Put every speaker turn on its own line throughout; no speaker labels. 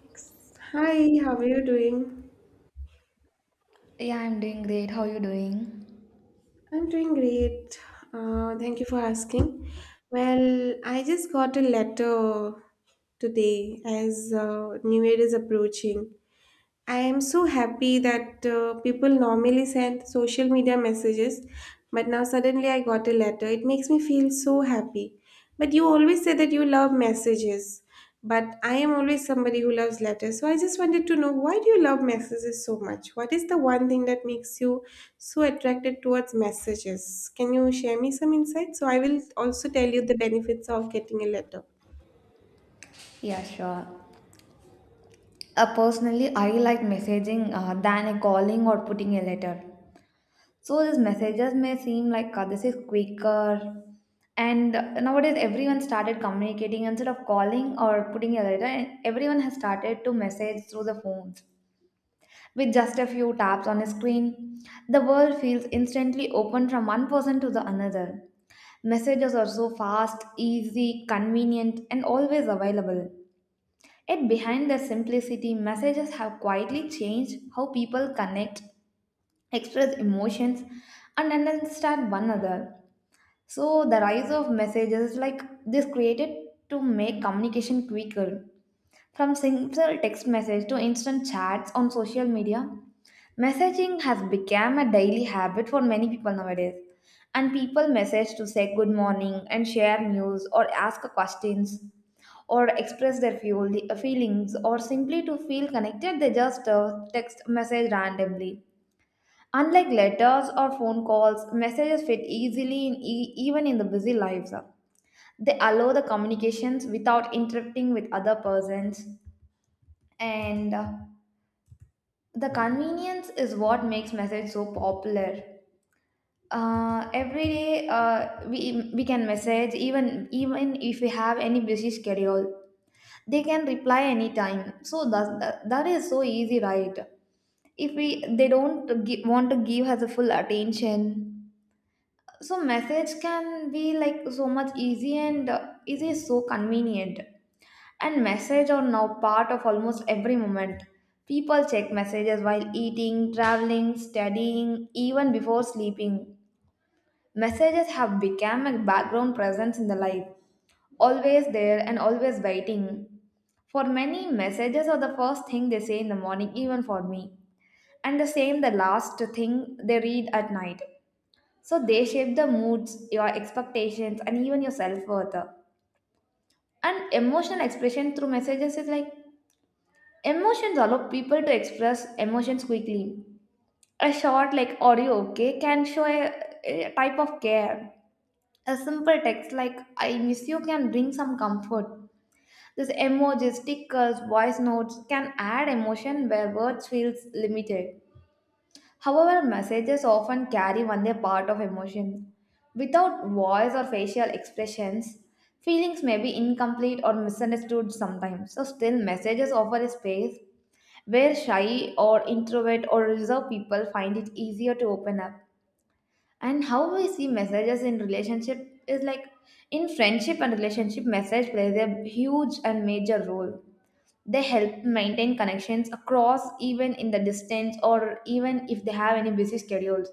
Thanks. Hi, how are you doing?
Yeah, I'm doing great. How you doing?
I'm doing great. Thank you for asking. Well, I just got a letter today as New Year is approaching. I am so happy that people normally send social media messages, but now suddenly I got a letter. It makes me feel so happy. But you always say that you love messages, but I am always somebody who loves letters. So I just wanted to know, why do you love messages so much? What is the one thing that makes you so attracted towards messages? Can you share me some insights? So I will also tell you the benefits of getting a letter.
Yeah, sure. Personally, I like messaging than a calling or putting a letter. So these messages may seem like this is quicker. And nowadays, everyone started communicating instead of calling or putting a letter. And everyone has started to message through the phones with just a few taps on a screen. The world feels instantly open from one person to the another. Messages are so fast, easy, convenient, and always available. Yet behind their simplicity, messages have quietly changed how people connect, express emotions, and understand one another. So the rise of messages like this created to make communication quicker from simple text message to instant chats on social media, messaging has become a daily habit for many people nowadays. And people message to say good morning and share news or ask questions or express their feelings, or simply to feel connected, they just text message randomly. Unlike letters or phone calls, messages fit easily in even in the busy lives. They allow the communications without interrupting with other persons and the convenience is what makes message so popular every day. We can message even if we have any busy schedule. They can reply anytime, so that is so easy, right? If we they don't want to give us a full attention, so message can be like so much easy, and it is so convenient. And messages are now part of almost every moment. People check messages while eating, traveling, studying, even before sleeping. Messages have become a background presence in the life, always there and always waiting. For many, messages are the first thing they say in the morning, even for me, and the same the last thing they read at night. So they shape the moods, your expectations, and even your self worth. And emotional expression through messages is like emotions allow people to express emotions quickly. A short like "Are you okay?" can show a type of care. A simple text like "I miss you" can bring some comfort. This emojis, stickers, voice notes can add emotion where words feels limited. However, messages often carry only a part of emotion. Without voice or facial expressions, feelings may be incomplete or misunderstood sometimes. So still messages offer a space where shy or introvert or reserved people find it easier to open up, and how we see messages in relationship is like in friendship and relationship, message plays a huge and major role. They help maintain connections across even in the distance, or even if they have any busy schedules.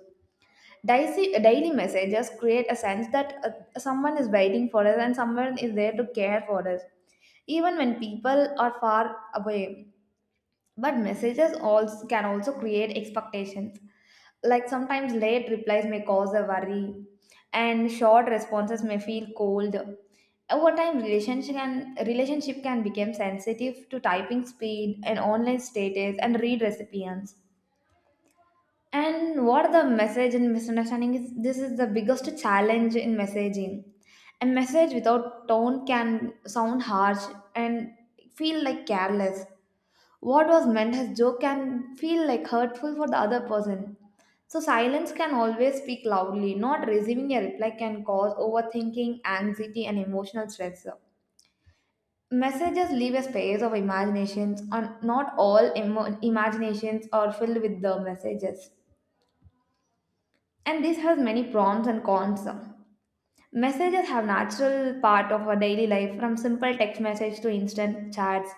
Daily messages create a sense that someone is waiting for us, and someone is there to care for us even when people are far away. But messages also can also create expectations, like sometimes late replies may cause a worry, and short responses may feel cold. Over time, relationship can become sensitive to typing speed and online status and read recipients. And what the message and misunderstanding is, this is the biggest challenge in messaging. A message without tone can sound harsh and feel like careless. What was meant as joke can feel like hurtful for the other person. So silence can always speak loudly. Not receiving a reply can cause overthinking, anxiety, and emotional stress. Messages leave a space of imaginations, and not all imaginations are filled with the messages. And this has many prompts and cons. Messages have natural part of our daily life from simple text message to instant chats.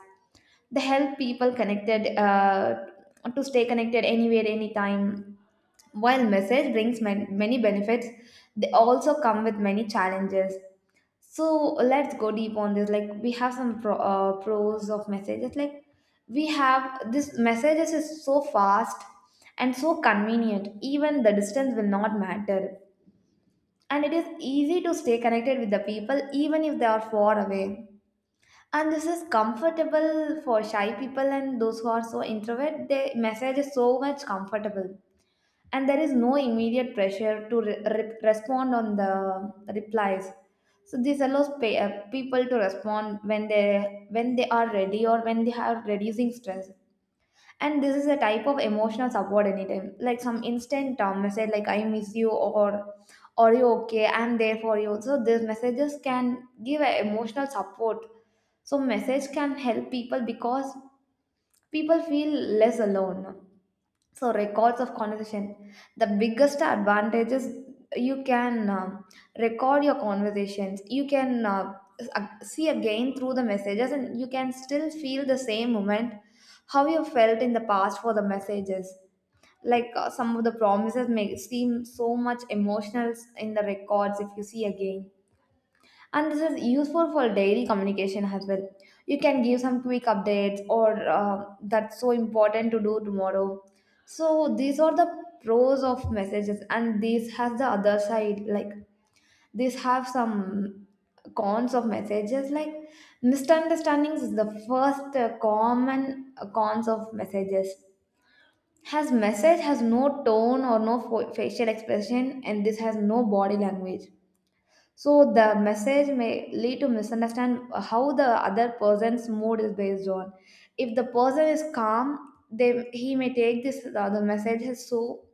They help people connected to stay connected anywhere, anytime. While message brings many benefits, they also come with many challenges. So let's go deep on this. Like, we have some pros of messages. Like, we have this messages is so fast and so convenient. Even the distance will not matter, and it is easy to stay connected with the people even if they are far away. And this is comfortable for shy people, and those who are so introvert, the message is so much comfortable. And there is no immediate pressure to respond on the replies, so this allows people to respond when they are ready, or when they are reducing stress. And this is a type of emotional support anytime, like some instant message like "I miss you" or "Are you okay, I'm there for you". So these messages can give a emotional support, so message can help people because people feel less alone. So records of conversation, the biggest advantage is you can record your conversations. You can see again through the messages, and you can still feel the same moment, how you felt in the past for the messages. Like some of the promises may seem so much emotional in the records if you see again. And this is useful for daily communication as well. You can give some quick updates, or that's so important to do tomorrow. So these are the pros of messages, and this has the other side. Like, these have some cons of messages. Like, misunderstandings is the first common cons of messages. Has message has no tone or no facial expression, and this has no body language. So the message may lead to misunderstand how the other person's mood is based on. If the person is calm, they he may take this the message is so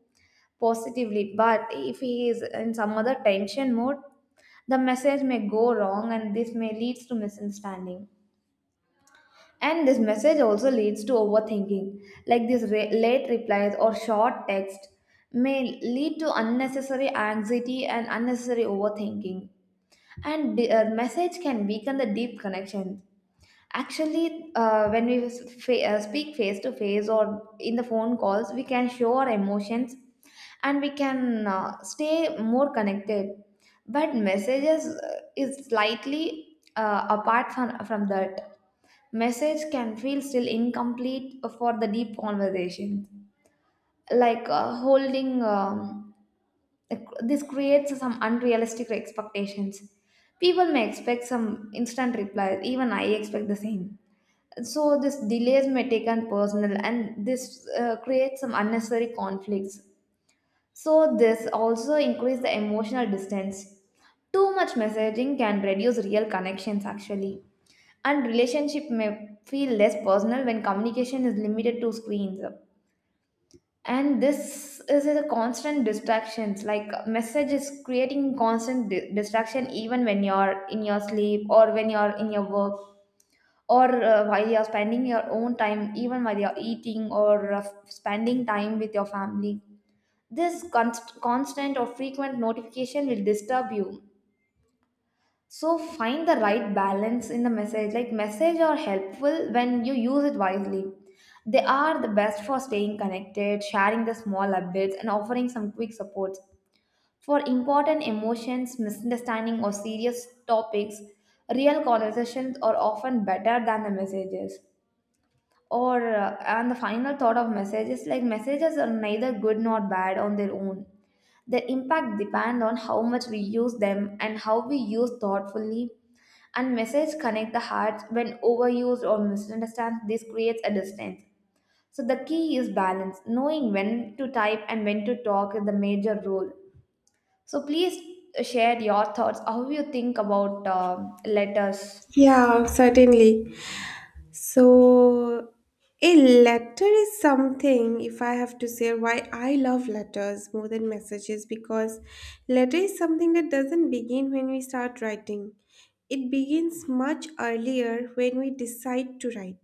positively. But if he is in some other tension mode, the message may go wrong, and this may leads to misunderstanding. And this message also leads to overthinking, like these late replies or short text may lead to unnecessary anxiety and unnecessary overthinking. And the message can weaken the deep connection. Actually speak face to face or in the phone calls, we can show our emotions, and we can stay more connected. But messages is slightly apart from that. Message can feel still incomplete for the deep conversation, like this creates some unrealistic expectations. People may expect some instant replies, even I expect the same. So this delays may take on personal, and this creates some unnecessary conflicts. So this also increase the emotional distance. Too much messaging can reduce real connections actually, and relationship may feel less personal when communication is limited to screens. And this is a constant distractions, like message is creating constant distraction even when you're in your sleep, or when you're in your work, or while you're spending your own time, even while you're eating, or spending time with your family. This constant or frequent notification will disturb you. So find the right balance in the message. Like, message are helpful when you use it wisely. They are the best for staying connected, sharing the small updates, and offering some quick support. For important emotions, misunderstanding, or serious topics, real conversations are often better than the messages. Or And the final thought of messages, like, messages are neither good nor bad on their own. Their impact depend on how much we use them, and how we use thoughtfully. And messages connect the hearts. When overused or misunderstood, this creates a distance. So the key is balance. Knowing when to type and when to talk is the major role. So please share your thoughts. How you think about letters?
Yeah, certainly. So, a letter is something, if I have to say why I love letters more than messages, because letter is something that doesn't begin when we start writing. It begins much earlier when we decide to write.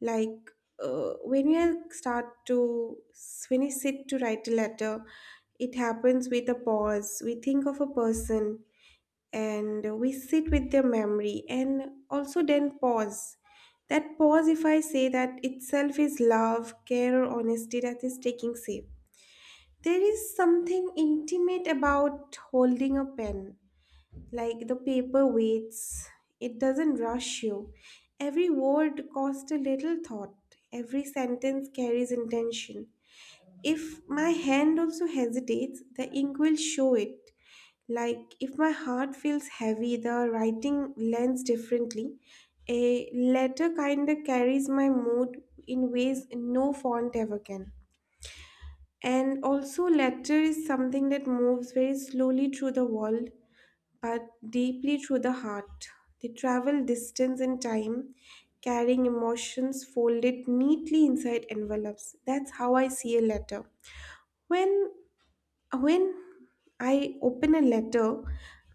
Like when we start to, when we sit to write a letter, it happens with a pause. We think of a person, and we sit with their memory and also then pause. That pause, if I say, that itself is love, care, or honesty that is taking shape. There is something intimate about holding a pen. Like, the paper waits. It doesn't rush you. Every word costs a little thought. Every sentence carries intention. If my hand also hesitates, the ink will show it. Like, if my heart feels heavy, the writing lands differently. A letter kind of carries my mood in ways no font ever can. And also, letter is something that moves very slowly through the world, but deeply through the heart. They travel distance and time, carrying emotions folded neatly inside envelopes. That's how I see a letter. When when I open a letter,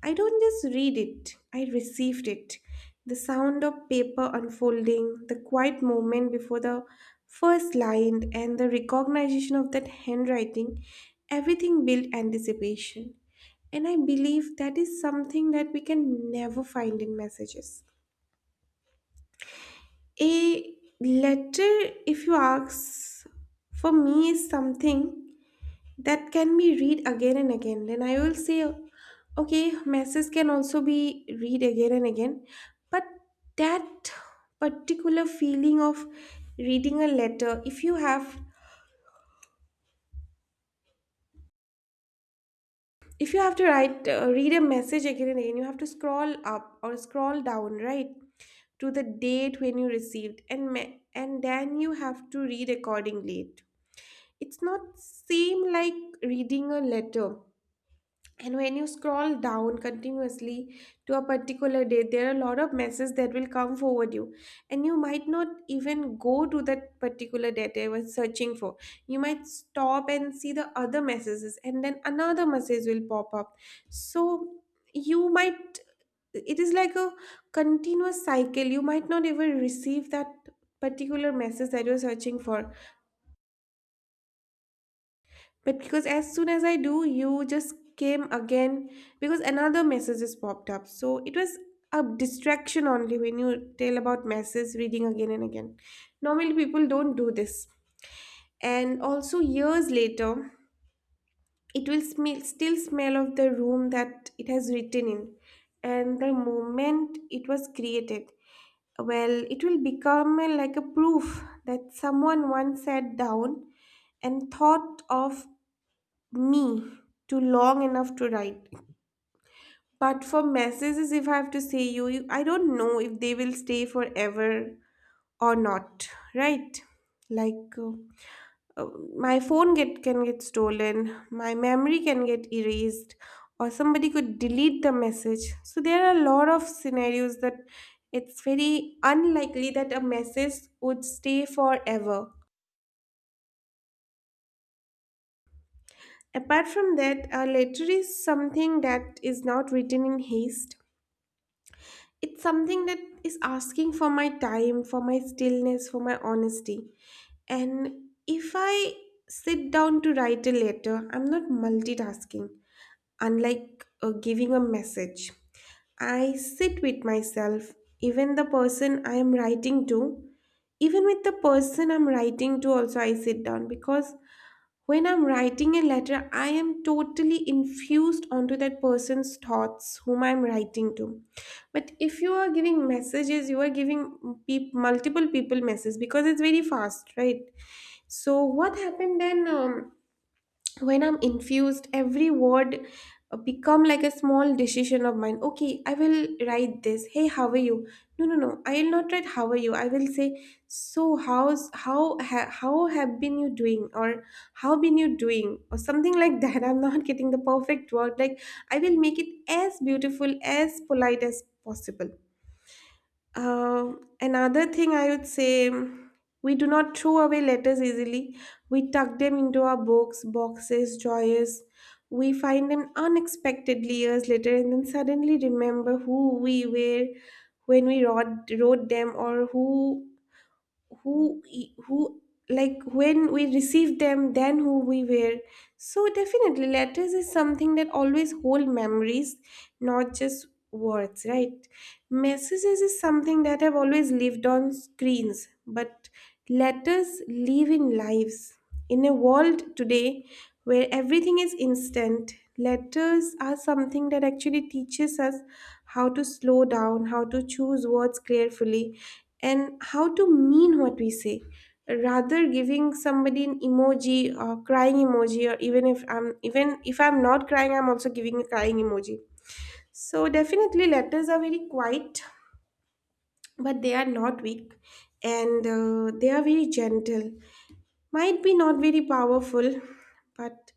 I don't just read it, I received it. The sound of paper unfolding, the quiet moment before the first line, and the recognition of that handwriting, everything built anticipation. And I believe that is something that we can never find in messages. A letter, if you ask, for me is something that can be read again and again. Then I will say, okay, messages can also be read again and again, but that particular feeling of reading a letter, if you have, if you have to write read a message again and again, you have to scroll up or scroll down, right? To the date when you received and then you have to read accordingly. It's not same like reading a letter. And when you scroll down continuously to a particular date, there are a lot of messages that will come forward you, and you might not even go to that particular date I was searching for. You might stop and see the other messages, and then another message will pop up. So you might, it is like a continuous cycle. You might not even receive that particular message that you're searching for. But because as soon as I do, you just came again because another message has popped up. So it was a distraction only when you tell about message reading again and again. Normally people don't do this. And also years later, still smell of the room that it has written in, and the moment it was created. Well, it will become like a proof that someone once sat down and thought of me to long enough to write. But for messages, if I have to say you, I don't know if they will stay forever or not, right? Like uh, my phone get can get stolen, my memory can get erased, or somebody could delete the message. So there are a lot of scenarios that it's very unlikely that a message would stay forever. Apart from that, a letter is something that is not written in haste. It's something that is asking for my time, for my stillness, for my honesty. And if I sit down to write a letter, I'm not multitasking, unlike giving a message. I sit with myself, even the person i am writing to even with the person I'm writing to also. I sit down because when I'm writing a letter, I am totally infused onto that person's thoughts whom I'm writing to. But if you are giving messages, you are giving multiple people messages because it's very fast, right? So what happened then? When I'm infused, every word become like a small decision of mine. Okay, I will write this, hey, how are you. No, no, no, I will not write how are you. I will say, so how's how have been you doing, or how been you doing, or something like that I'm not getting the perfect word. Like, I will make it as beautiful, as polite as possible. uh, Another thing I would say, we do not throw away letters easily. We tuck them into our books, boxes, drawers. We find them unexpectedly years later and then suddenly remember who we were when we wrote them. Or who, like, when we received them, then who we were. So definitely letters is something that always hold memories, not just words, right? Messages is something that have always lived on screens, but letters live in lives. In a world today where everything is instant, letters are something that actually teaches us how to slow down, how to choose words carefully, and how to mean what we say. Rather giving somebody an emoji or crying emoji, or even if I'm not crying, I'm also giving a crying emoji. So definitely letters are very quiet, but they are not weak, and they are very gentle, might be not very powerful, but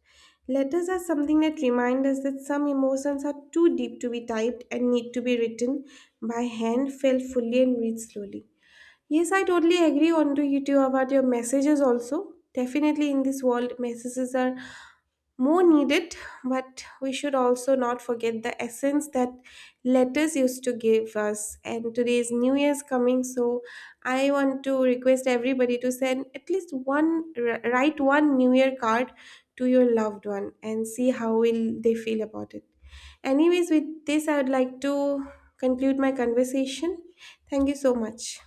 letters are something that remind us that some emotions are too deep to be typed and need to be written by hand, felt fully, and read slowly. Yes, I totally agree on to you too about your messages also. Definitely in this world, messages are more needed, but we should also not forget the essence that letters used to give us. And today's New Year's coming, so I want to request everybody to send at least one, write one New Year card to your loved one and see how will they feel about it. Anyways, with this, I would like to conclude my conversation. Thank you so much.